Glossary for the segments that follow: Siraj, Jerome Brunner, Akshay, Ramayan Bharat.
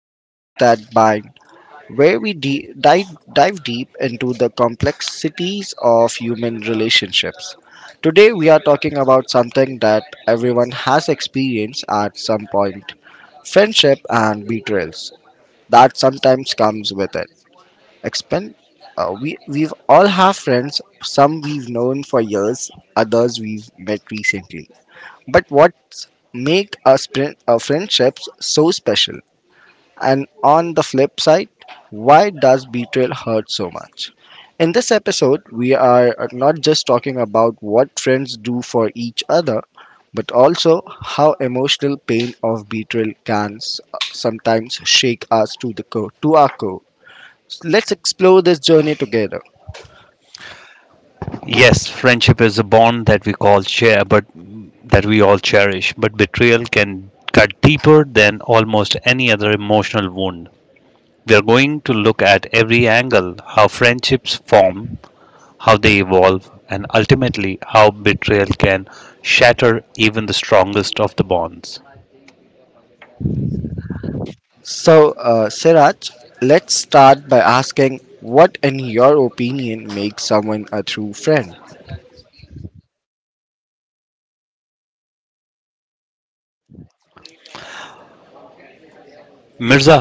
The Ties That Bind, where we dive deep into the complexities of human relationships. Today, we are talking about something that everyone has experienced at some point, friendship and betrayals that sometimes comes with it. Expend- we've all have friends, some we've known for years, others we've met recently. But what make a friendship so special? And on the flip side, why does betrayal hurt so much? In this episode, we are not just talking about what friends do for each other, but also how emotional pain of betrayal can sometimes shake us to the core, to our core. So let's explore this journey together. Yes, friendship is a bond that we call share, but that we all cherish. But betrayal can cut deeper than almost any other emotional wound. We are going to look at every angle how friendships form, how they evolve, and ultimately how betrayal can shatter even the strongest of the bonds. Siraj, let's start by asking what, in your opinion, makes someone a true friend? Mirza,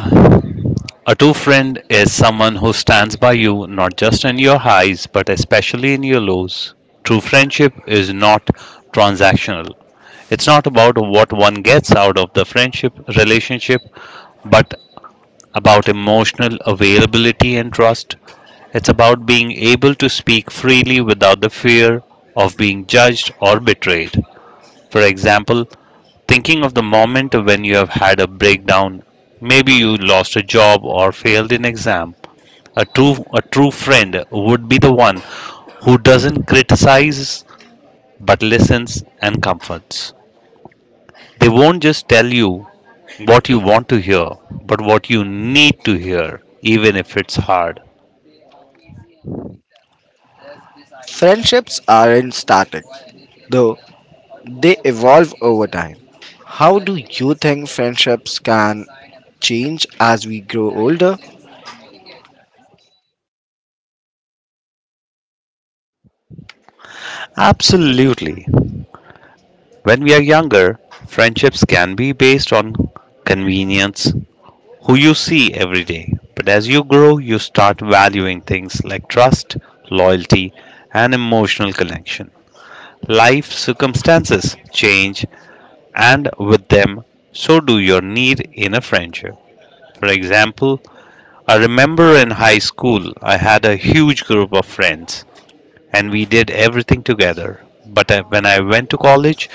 a true friend is someone who stands by you not just in your highs but especially in your lows. True friendship is not transactional. It's not about what one gets out of the friendship relationship but about emotional availability and trust. It's about being able to speak freely without the fear of being judged or betrayed. For example, thinking of the moment when you have had a breakdown. Maybe you lost a job or failed an exam. A true friend would be the one who doesn't criticize but listens and comforts. They won't just tell you what you want to hear, but what you need to hear, even if it's hard. Friendships aren't static, though they evolve over time. How do you think friendships can change as we grow older? Absolutely. When we are younger, friendships can be based on convenience, who you see every day. But as you grow, you start valuing things like trust, loyalty, and emotional connection. Life circumstances change, and with them, so do your need in a friendship. For example, I remember in high school, I had a huge group of friends and we did everything together. When I went to college,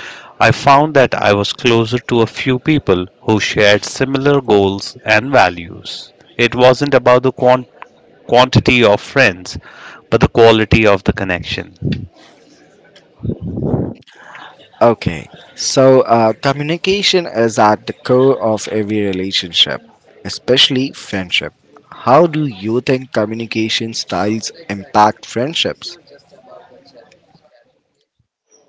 I found that I was closer to a few people who shared similar goals and values. It wasn't about the quantity of friends, but the quality of the connection. Okay, communication is at the core of every relationship, especially friendship. How do you think communication styles impact friendships?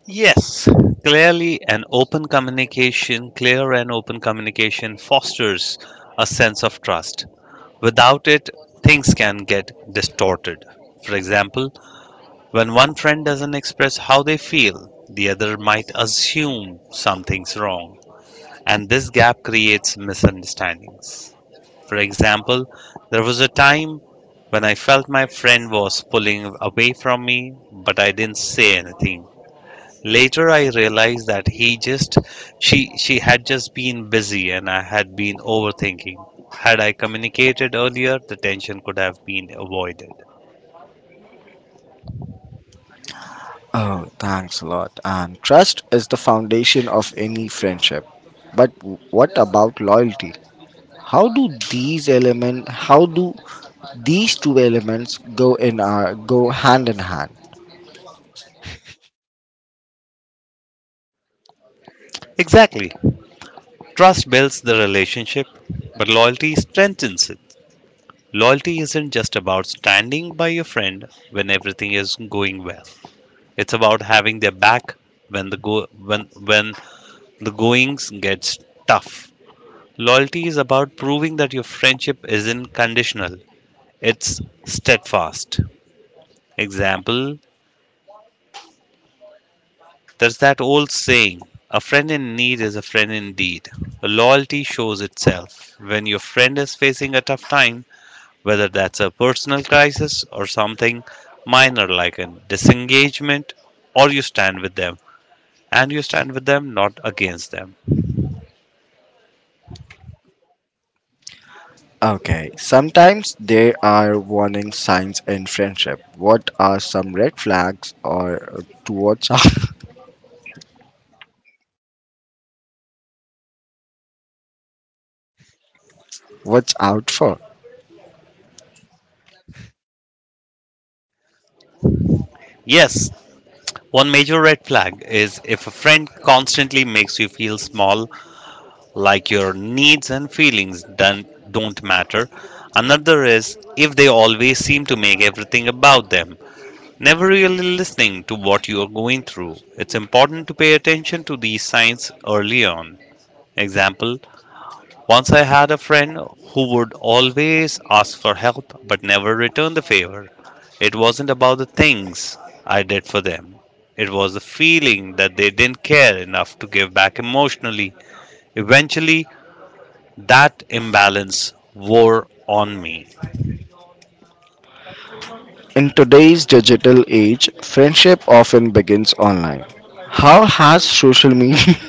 Yes, clearly an clear and open communication fosters a sense of trust. Without it, things can get distorted. For example, when one friend doesn't express how they feel, the other might assume something's wrong, and this gap creates misunderstandings. For example, there was a time when I felt my friend was pulling away from me, but I didn't say anything. Later I realized that he just she had just been busy and I had been overthinking. Had I communicated earlier, the tension could have been avoided. Oh, thanks a lot. And trust is the foundation of any friendship. But what about loyalty? How do these two elements go hand in hand? Exactly. Trust builds the relationship, but loyalty strengthens it. Loyalty isn't just about standing by your friend when everything is going well. It's about having their back when the go when when the goings gets tough. Loyalty is about proving that your friendship isn't conditional. It's steadfast. Example: there's that old saying, a friend in need is a friend indeed. Loyalty shows itself when your friend is facing a tough time, whether that's a personal crisis or something minor like a disengagement, or you stand with them. And you stand with them, not against them. Okay, sometimes there are warning signs in friendship. What are some red flags or to watch out, watch out for? Yes, one major red flag is if a friend constantly makes you feel small, like your needs and feelings don't matter. Another is if they always seem to make everything about them, never really listening to what you are going through. It's important to pay attention to these signs early on. Example: once I had a friend who would always ask for help but never return the favor. It wasn't about the things I did for them, it was the feeling that they didn't care enough to give back emotionally. Eventually, that imbalance wore on me. In today's digital age, friendship often begins online. How has social media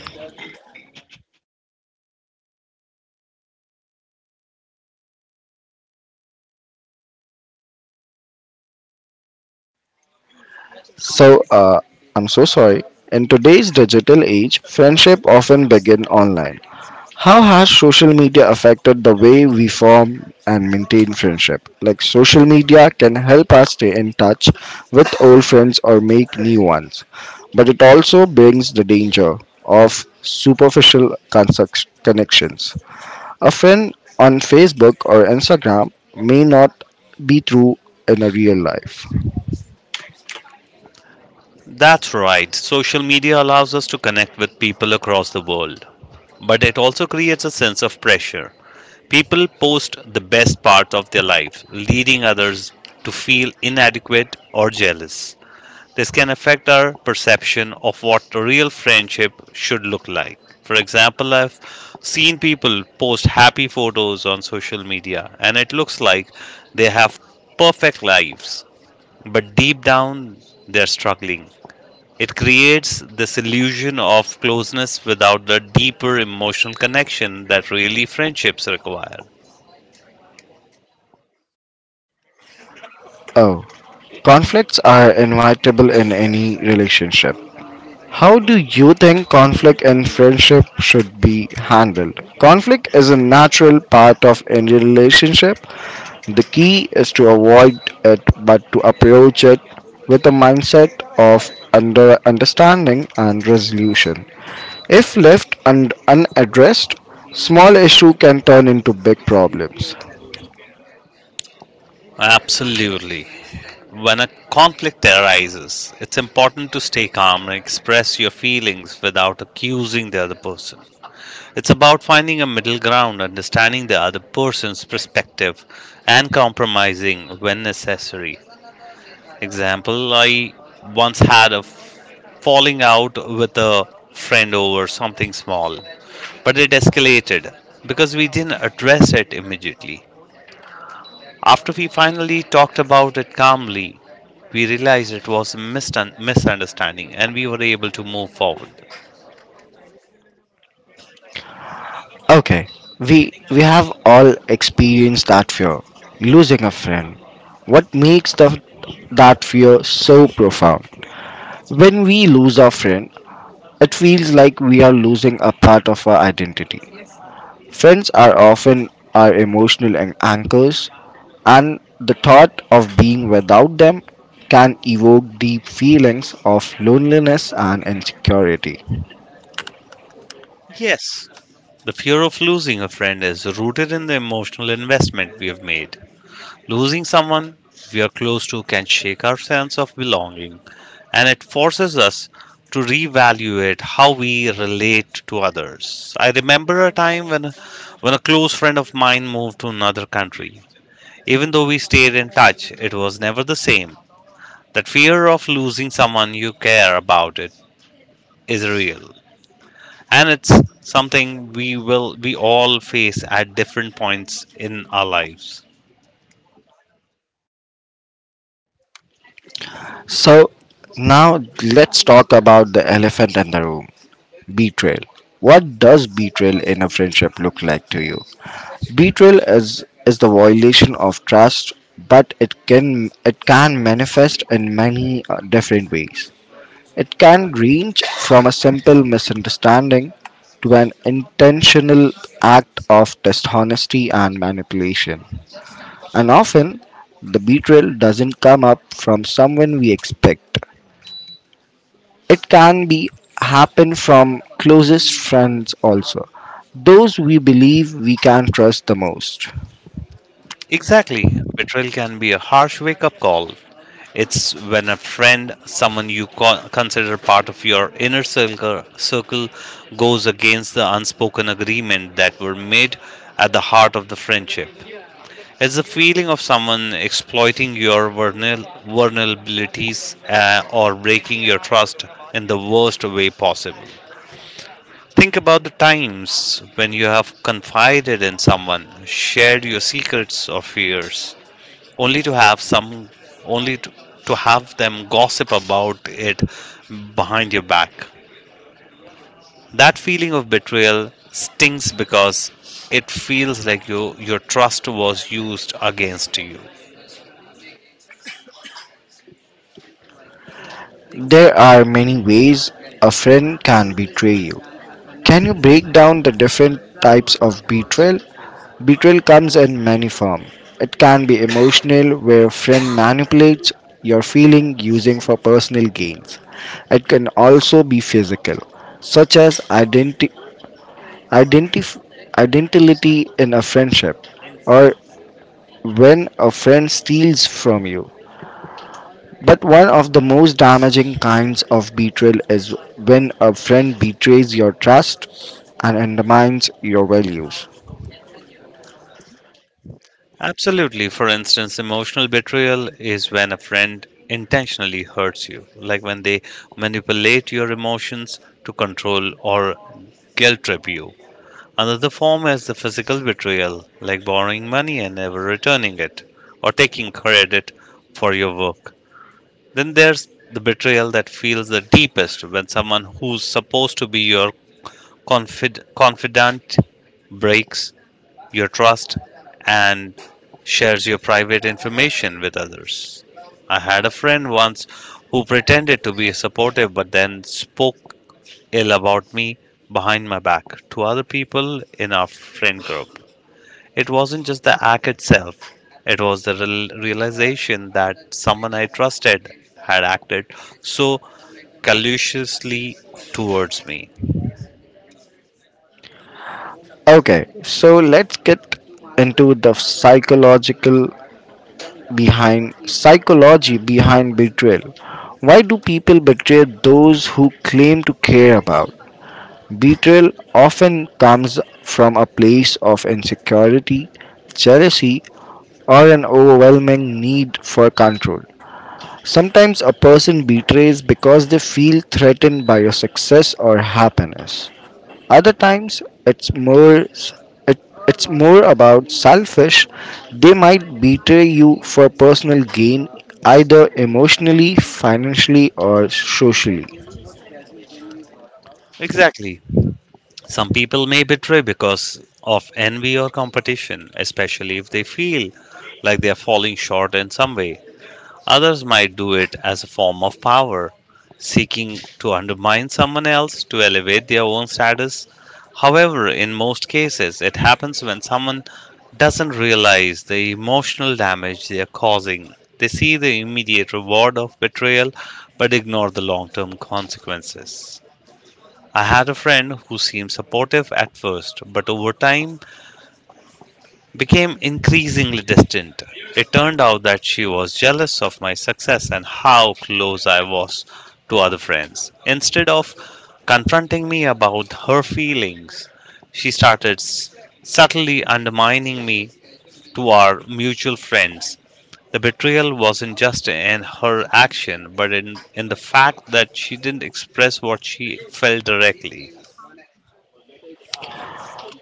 So, uh, I'm so sorry. In today's digital age, friendship often begin online. How has social media affected the way we form and maintain friendship? Like social media can help us stay in touch with old friends or make new ones, but it also brings the danger of superficial connections. A friend on Facebook or Instagram may not be true in a real life. That's right, social media allows us to connect with people across the world, but it also creates a sense of pressure. People post the best part of their life, leading others to feel inadequate or jealous. This can affect our perception of what a real friendship should look like. For example, I've seen people post happy photos on social media and it looks like they have perfect lives, but deep down they're struggling. It creates this illusion of closeness without the deeper emotional connection that really friendships require. Oh, conflicts are inevitable in any relationship. How do you think conflict in friendship should be handled? Conflict is a natural part of any relationship. The key is to avoid it but to approach it with a mindset of under understanding and resolution. If left unaddressed, small issue can turn into big problems. Absolutely. When a conflict arises, it's important to stay calm and express your feelings without accusing the other person. It's about finding a middle ground, understanding the other person's perspective, and compromising when necessary. Example: I once had a falling out with a friend over something small, but it escalated because we didn't address it immediately. After we finally talked about it calmly, we realized it was a misunderstanding and we were able to move forward. Okay, we we have all experienced that fear, losing a friend. What makes that fear so profound? When we lose our friend, it feels like we are losing a part of our identity. Friends are often our emotional anchors, and the thought of being without them can evoke deep feelings of loneliness and insecurity. Yes, the fear of losing a friend is rooted in the emotional investment we have made. Losing someone we are close to can shake our sense of belonging, and it forces us to reevaluate how we relate to others. I remember a time when a close friend of mine moved to another country. Even though we stayed in touch, it was never the same. That fear of losing someone you care about it is real, and it's something we all face at different points in our lives. So, now let's talk about the elephant in the room. Betrayal. What does betrayal in a friendship look like to you? Betrayal is the violation of trust, but it can manifest in many different ways. It can range from a simple misunderstanding to an intentional act of dishonesty and manipulation. And often, the betrayal doesn't come up from someone we expect. It can be happen from closest friends also. Those we believe we can trust the most. Exactly. Betrayal can be a harsh wake up call. It's when a friend, someone you consider part of your inner circle, goes against the unspoken agreement that were made at the heart of the friendship. It's the feeling of someone exploiting your vulnerabilities or breaking your trust in the worst way possible. Think about the times when you have confided in someone, shared your secrets or fears, only to have some only to have them gossip about it behind your back. That feeling of betrayal stings because it feels like your trust was used against you. There are many ways a friend can betray you. Can you break down the different types of betrayal? Betrayal comes in many forms. It can be emotional, where a friend manipulates your feeling using for personal gains. It can also be physical, such as Identif- identity in a friendship, or when a friend steals from you. But one of the most damaging kinds of betrayal is when a friend betrays your trust and undermines your values. Absolutely. For instance, emotional betrayal is when a friend intentionally hurts you, like when they manipulate your emotions to control or guilt trip you. Another form is the physical betrayal, like borrowing money and never returning it, or taking credit for your work. Then there's the betrayal that feels the deepest when someone who's supposed to be your confidant breaks your trust and shares your private information with others. I had a friend once who pretended to be supportive but then spoke ill about me behind my back to other people in our friend group. It wasn't just the act itself, it was the realization that someone I trusted had acted so callously towards me. Okay, so let's get into the psychological behind psychology behind betrayal. Why do people betray those who claim to care about? Betrayal often comes from a place of insecurity, jealousy, or an overwhelming need for control. Sometimes a person betrays because they feel threatened by your success or happiness. Other times it, it's more about selfish. They might betray you for personal gain either emotionally, financially or socially. Exactly. Some people may betray because of envy or competition, especially if they feel like they are falling short in some way. Others might do it as a form of power, seeking to undermine someone else to elevate their own status. However, in most cases, it happens when someone doesn't realize the emotional damage they are causing. They see the immediate reward of betrayal but ignore the long term consequences. I had a friend who seemed supportive at first, but over time became increasingly distant. It turned out that she was jealous of my success and how close I was to other friends. Instead of confronting me about her feelings, she started subtly undermining me to our mutual friends. The betrayal wasn't just in her action, but in the fact that she didn't express what she felt directly.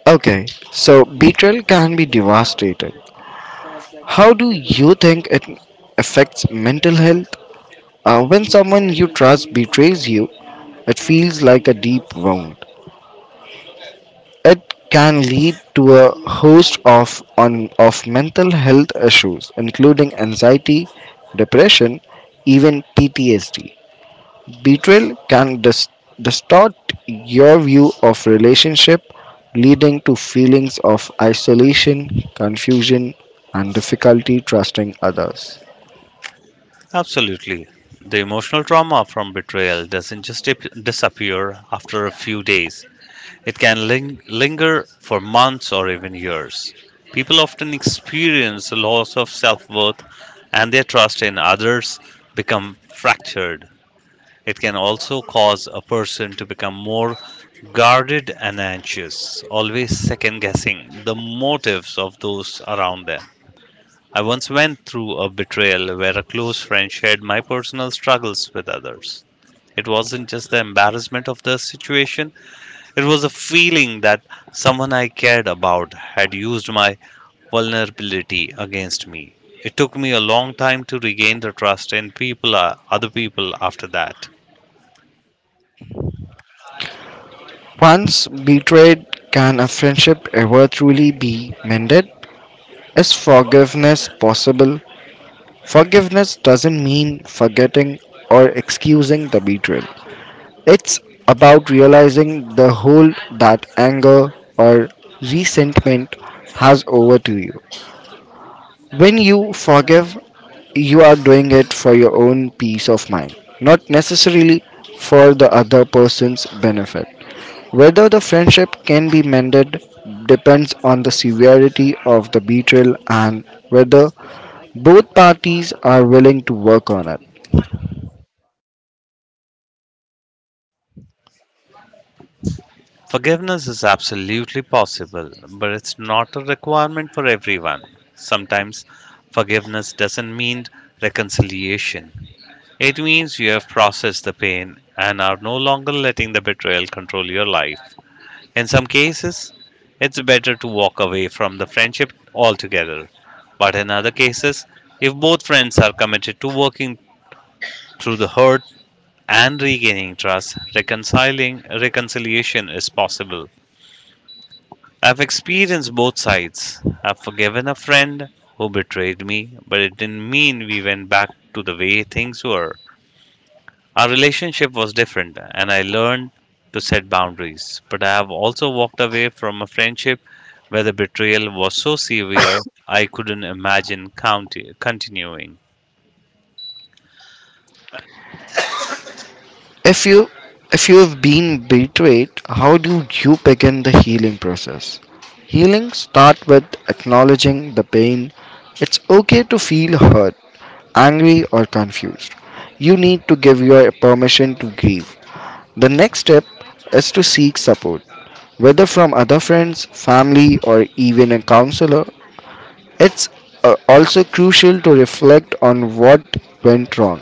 Okay, so betrayal can be devastating. How do you think it affects mental health? When someone you trust betrays you, it feels like a deep wound. It can lead to a host of mental health issues, including anxiety, depression, even PTSD. Betrayal can distort your view of relationship, leading to feelings of isolation, confusion, and difficulty trusting others. Absolutely. The emotional trauma from betrayal doesn't just disappear after a few days, it can linger for months or even years. People often experience a loss of self worth and their trust in others become fractured. It can also cause a person to become more guarded and anxious, always second guessing the motives of those around them. I once went through a betrayal where a close friend shared my personal struggles with others. It wasn't just the embarrassment of the situation, it was a feeling that someone I cared about had used my vulnerability against me. It took me a long time to regain the trust in people, other people after that. Once betrayed, can a friendship ever truly be mended? Is forgiveness possible? Forgiveness doesn't mean forgetting or excusing the betrayal. It's about realizing the hold that anger or resentment has over to you. When you forgive, you are doing it for your own peace of mind, not necessarily for the other person's benefit. Whether the friendship can be mended depends on the severity of the betrayal and whether both parties are willing to work on it. Forgiveness is absolutely possible, but it's not a requirement for everyone. Sometimes forgiveness doesn't mean reconciliation. It means you have processed the pain and are no longer letting the betrayal control your life. In some cases, it's better to walk away from the friendship altogether. But in other cases, if both friends are committed to working through the hurt and regaining trust, reconciling reconciliation is possible. I've experienced both sides. I've forgiven a friend who betrayed me, but it didn't mean we went back to the way things were. Our relationship was different, and I learned to set boundaries. But I have also walked away from a friendship where the betrayal was so severe I couldn't imagine continuing. If you if you've been betrayed, how do you begin the healing process? Healing starts with acknowledging the pain. It's okay to feel hurt, angry or confused. You need to give your permission to grieve. The next step is to seek support, whether from other friends, family, or even a counselor. It's also crucial to reflect on what went wrong.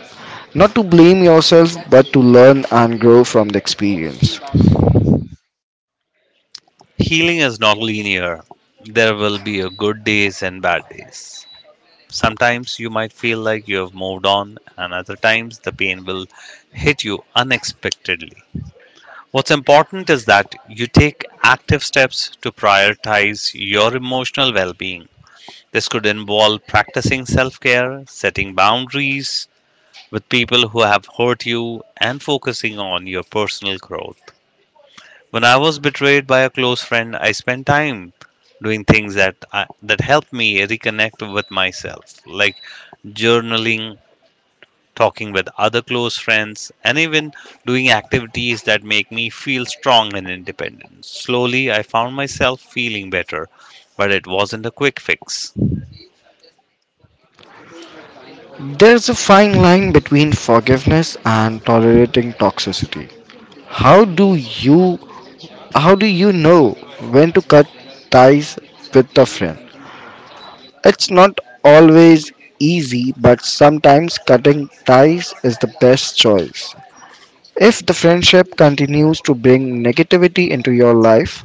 Not to blame yourself, but to learn and grow from the experience. Healing is not linear. There will be a good days and bad days. Sometimes you might feel like you have moved on, and other times the pain will hit you unexpectedly. What's important is that you take active steps to prioritize your emotional well being. This could involve practicing self care, setting boundaries with people who have hurt you, and focusing on your personal growth. When I was betrayed by a close friend, I spent time doing things that that helped me reconnect with myself, like journaling, talking with other close friends, and even doing activities that make me feel strong and independent. Slowly, I found myself feeling better, but it wasn't a quick fix. There's a fine line between forgiveness and tolerating toxicity. How do you how do you know when to cut ties with a friend? It's not always easy, but sometimes cutting ties is the best choice. If the friendship continues to bring negativity into your life,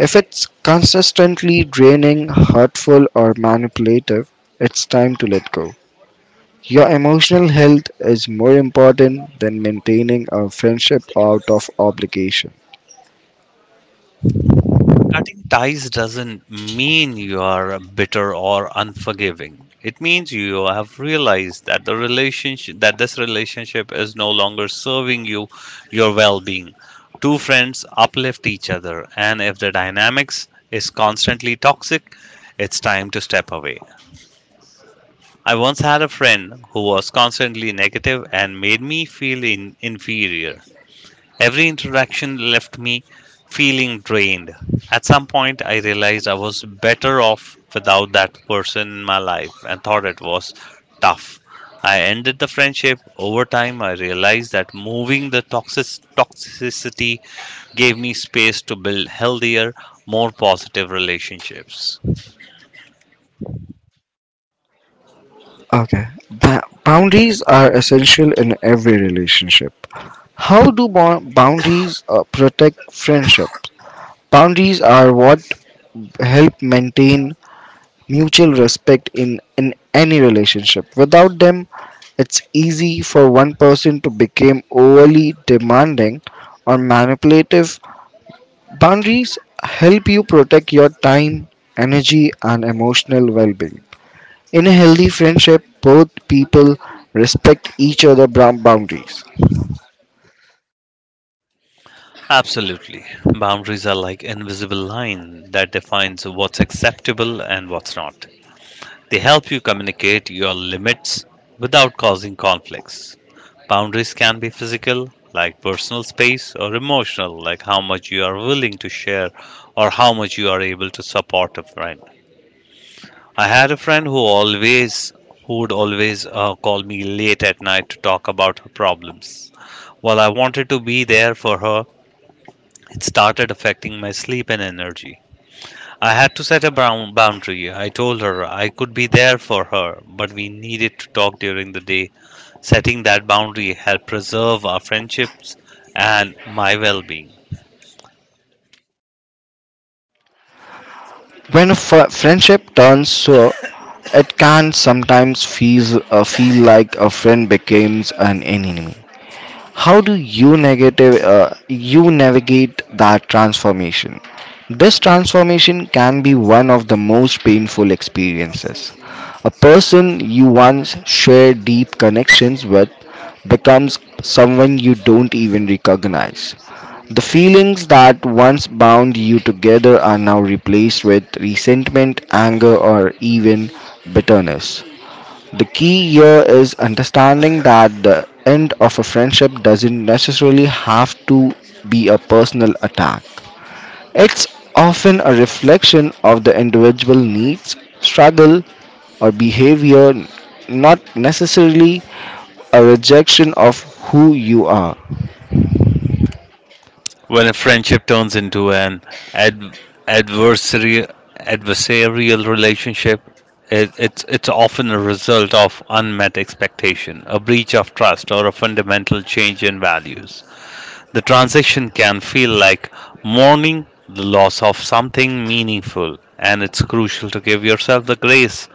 if it's consistently draining, hurtful, or manipulative, it's time to let go. Your emotional health is more important than maintaining a friendship out of obligation. Cutting ties doesn't mean you are bitter or unforgiving. It means you have realized that the relationship that this relationship is no longer serving you your well-being. Two friends uplift each other, and if the dynamics is constantly toxic, it's time to step away. I once had a friend who was constantly negative and made me feel inferior. Every interaction left me feeling drained. At some point, I realized I was better off without that person in my life, and thought it was tough. I ended the friendship. Over time, I realized that moving the toxicity gave me space to build healthier, more positive relationships. Okay, boundaries are essential in every relationship. How do boundaries protect friendship? Boundaries are what help maintain mutual respect in any relationship. Without them, it's easy for one person to become overly demanding or manipulative. Boundaries help you protect your time, energy, and emotional well being. In a healthy friendship, both people respect each other's brown boundaries. Absolutely. Boundaries are like invisible line that defines what's acceptable and what's not. They help you communicate your limits without causing conflicts. Boundaries can be physical, like personal space, or emotional, like how much you are willing to share or how much you are able to support a friend. I had a friend who always Who would always call me late at night to talk about her problems. While I wanted to be there for her, it started affecting my sleep and energy. I had to set a brown boundary. I told her I could be there for her, but we needed to talk during the day. Setting that boundary helped preserve our friendships and my well being. When a friendship turns sour, it can sometimes feel, feel like a friend becomes an enemy. How do you negative you navigate that transformation? This transformation can be one of the most painful experiences. A person you once shared deep connections with becomes someone you don't even recognize. The feelings that once bound you together are now replaced with resentment, anger, or even bitterness. The key here is understanding that the end of a friendship doesn't necessarily have to be a personal attack. It's often a reflection of the individual needs, struggle, or behavior, not necessarily a rejection of who you are. When a friendship turns into an ad- adversary- adversarial relationship, it's often a result of unmet expectation, a breach of trust, or a fundamental change in values. The transition can feel like mourning the loss of something meaningful, and it's crucial to give yourself the grace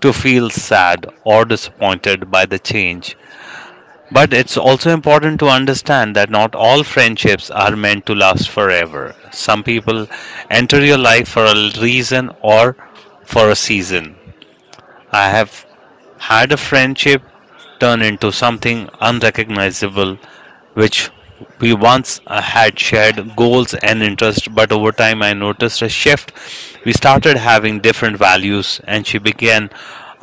to feel sad or disappointed by the change. But it's also important to understand that not all friendships are meant to last forever. Some people enter your life for a reason or for a season. I have had a friendship turn into something unrecognizable, which we once had shared goals and interests, but over time I noticed a shift. We started having different values, and she began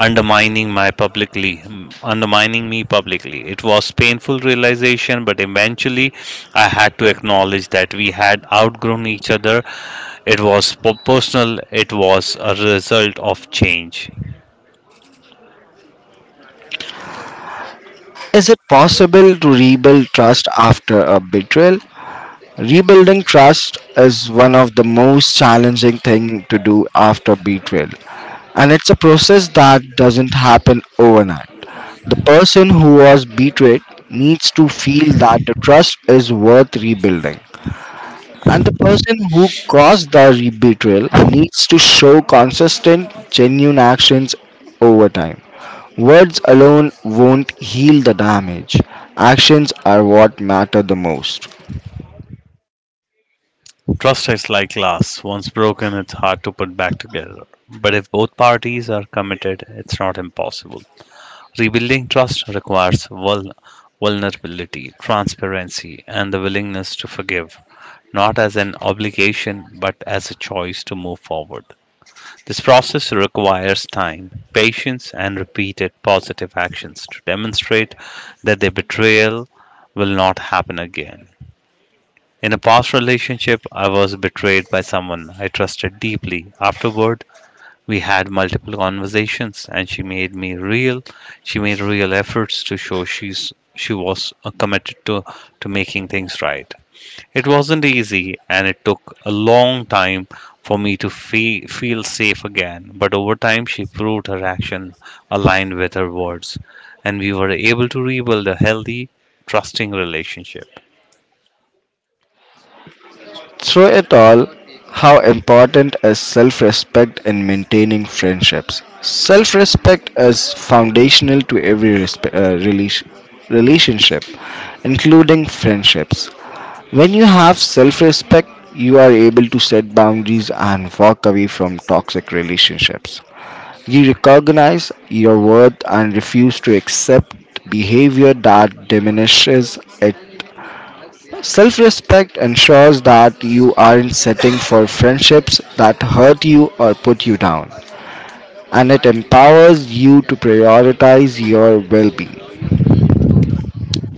undermining my publicly undermining me publicly. It was painful realization, but eventually I had to acknowledge that we had outgrown each other. It was personal, it was a result of change. Is it possible to rebuild trust after a betrayal? Rebuilding trust is one of the most challenging things to do after betrayal. And it's a process that doesn't happen overnight. The person who was betrayed needs to feel that the trust is worth rebuilding. And the person who caused the betrayal needs to show consistent, genuine actions over time. Words alone won't heal the damage. Actions are what matter the most. Trust is like glass. Once broken, it's hard to put back together. But if both parties are committed, it's not impossible. Rebuilding trust requires vulnerability, transparency, and the willingness to forgive, not as an obligation, but as a choice to move forward. This process requires time, patience, and repeated positive actions to demonstrate that the betrayal will not happen again. In a past relationship, I was betrayed by someone I trusted deeply. Afterward, we had multiple conversations, and she made real efforts to show she was committed to making things right. It wasn't easy, and it took a long time for me to feel safe again, but over time she proved her action aligned with her words, and we were able to rebuild a healthy, trusting relationship. Through it all, how important is self respect in maintaining friendships? Self respect is foundational to every relationship, including friendships. When you have self respect, you are able to set boundaries and walk away from toxic relationships. You recognize your worth and refuse to accept behavior that diminishes it. Self respect ensures that you aren't setting for friendships that hurt you or put you down, and it empowers you to prioritize your well being.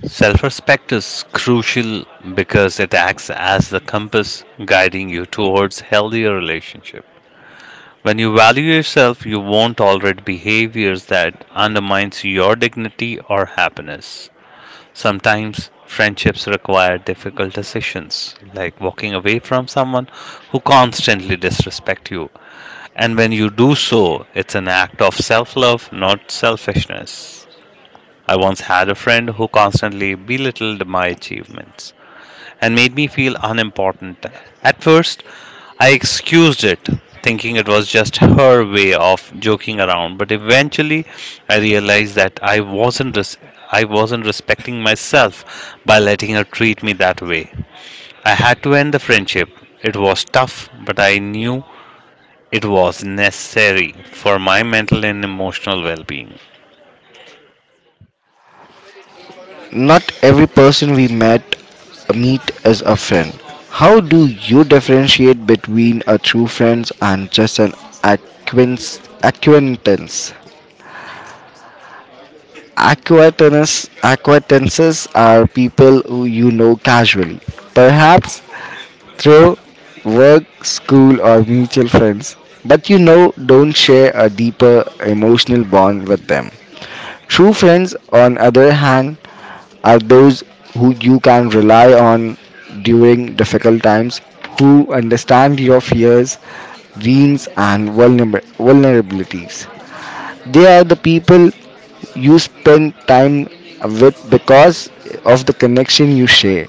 Self respect is crucial because it acts as the compass guiding you towards healthier relationship. When you value yourself, you won't tolerate behaviors that undermines your dignity or happiness. Sometimes friendships require difficult decisions, like walking away from someone who constantly disrespect you. And when you do so, it's an act of self-love, not selfishness. I once had a friend who constantly belittled my achievements and made me feel unimportant. At first, I excused it, thinking it was just her way of joking around, but eventually I realized that I wasn't respecting myself by letting her treat me that way. I had to end the friendship. It was tough, but I knew it was necessary for my mental and emotional well-being. Not every person we met meet is a friend. How do you differentiate between a true friend and just an acquaintance? Acquaintance. Acquaintances are people who you know casually, perhaps through work, school, or mutual friends, but you know don't share a deeper emotional bond with them. True friends, on other hand, are those who you can rely on during difficult times, who understand your fears, dreams, and vulnerabilities. They are the people you spend time with because of the connection you share,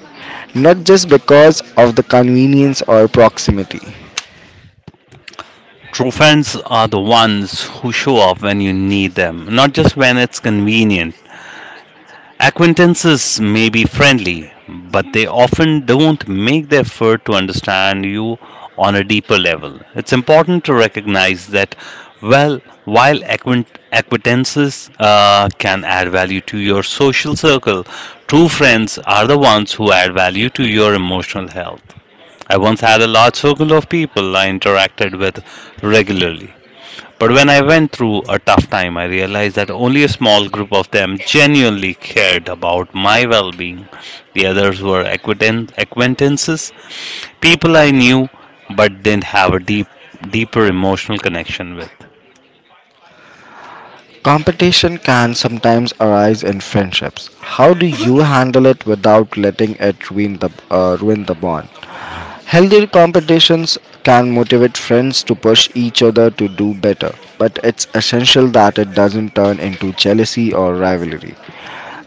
not just because of the convenience or proximity. True friends are the ones who show up when you need them, not just when it's convenient. Acquaintances may be friendly, but they often don't make the effort to understand you on a deeper level. It's important to recognize that, well, while acquaintances can add value to your social circle, true friends are the ones who add value to your emotional health. I once had a large circle of people I interacted with regularly. But when I went through a tough time, I realized that only a small group of them genuinely cared about my well being. The others were acquaintances, people I knew but didn't have a deeper emotional connection with. Competition can sometimes arise in friendships. How do you handle it without letting it ruin the bond? Healthy competitions can motivate friends to push each other to do better, but it's essential that it doesn't turn into jealousy or rivalry.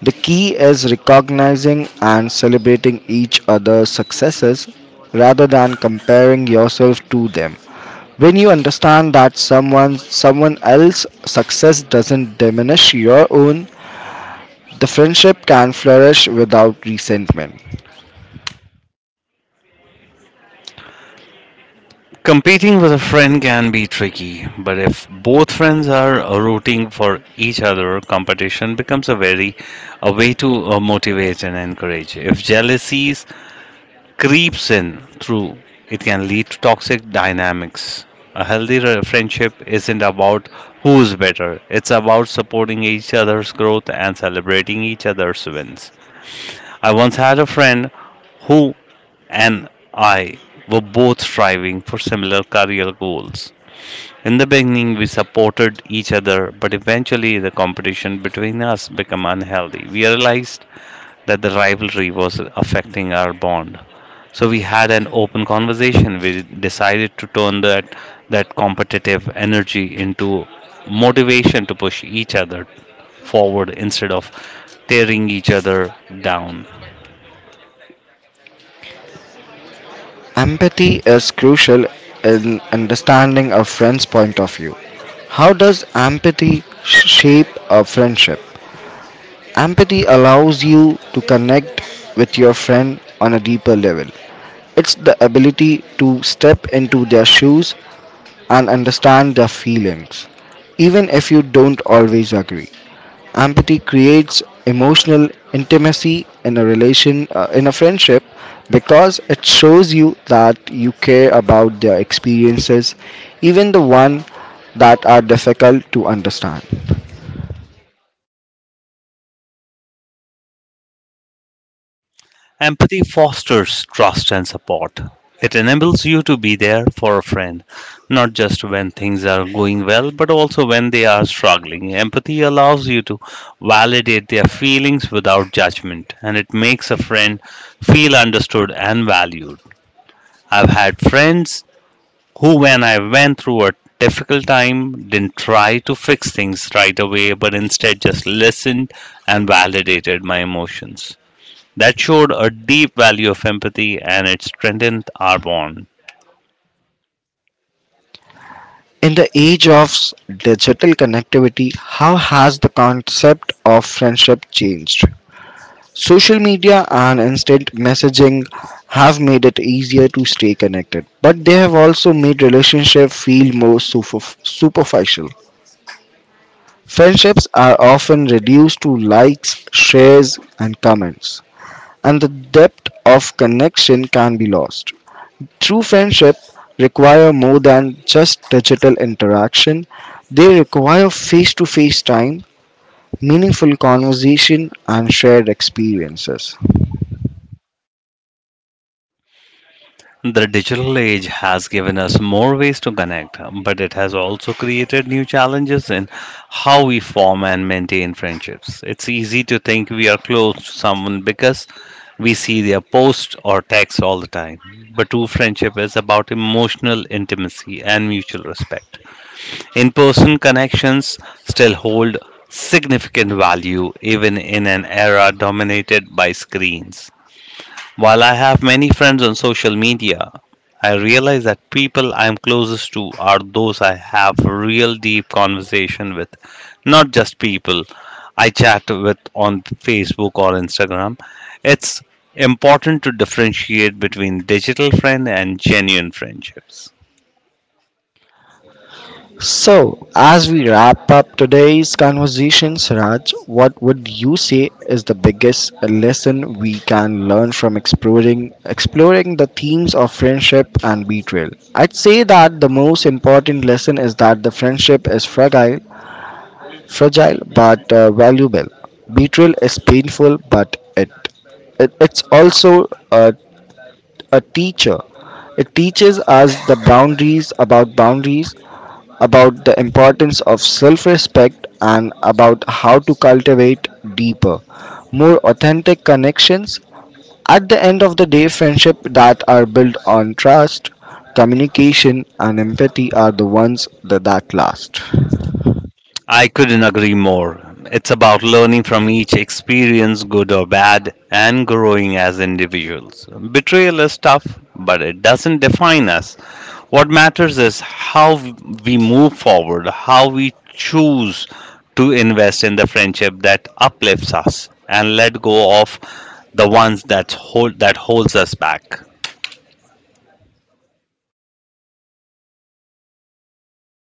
The key is recognizing and celebrating each other's successes rather than comparing yourself to them. When you understand that someone else's success doesn't diminish your own, the friendship can flourish without resentment. Competing with a friend can be tricky, but if both friends are rooting for each other, competition becomes a way to motivate and encourage. If jealousies creeps in through, it can lead to toxic dynamics. A healthy friendship isn't about who's better, it's about supporting each other's growth and celebrating each other's wins. I once had a friend who and I were both striving for similar career goals. In the beginning, we supported each other, but eventually the competition between us became unhealthy. We realized that the rivalry was affecting our bond. So we had an open conversation. We decided to turn that competitive energy into motivation to push each other forward instead of tearing each other down. Empathy is crucial in understanding a friend's point of view. How does empathy shape a friendship? Empathy allows you to connect with your friend on a deeper level. It's the ability to step into their shoes and understand their feelings, even if you don't always agree. Empathy creates emotional intimacy in a friendship, because it shows you that you care about their experiences, even the one that are difficult to understand. Empathy fosters trust and support. It enables you to be there for a friend, not just when things are going well, but also when they are struggling. Empathy allows you to validate their feelings without judgment, and it makes a friend feel understood and valued. I've had friends who, when I went through a difficult time, didn't try to fix things right away, but instead just listened and validated my emotions. That showed a deep value of empathy, and it strengthened our bond. In the age of digital connectivity, how has the concept of friendship changed? Social media and instant messaging have made it easier to stay connected, but they have also made relationships feel more superficial. Friendships are often reduced to likes, shares, and comments, and the depth of connection can be lost. True friendship require more than just digital interaction. They require face-to-face time, meaningful conversation, and shared experiences. The digital age has given us more ways to connect, but it has also created new challenges in how we form and maintain friendships. It's easy to think we are close to someone because we see their posts or texts all the time. But true friendship is about emotional intimacy and mutual respect. In person connections still hold significant value even in an era dominated by screens. While I have many friends on social media, I realize that people I am closest to are those I have real deep conversation with, not just people I chat with on Facebook or Instagram. It's important to differentiate between digital friend and genuine friendships. So, as we wrap up today's conversations, Raj, what would you say is the biggest lesson we can learn from exploring the themes of friendship and betrayal? I'd say that the most important lesson is that the friendship is fragile but valuable. Betrayal is painful, it it's also a teacher. It teaches us the boundaries about boundaries, about the importance of self respect and about how to cultivate deeper, more authentic connections. At the end of the day, friendship that are built on trust, communication, and empathy are the ones that last. I couldn't agree more. It's about learning from each experience, good or bad, and growing as individuals. Betrayal is tough, but it doesn't define us. What matters is how we move forward, how we choose to invest in the friendship that uplifts us, and let go of the ones that hold that holds us back.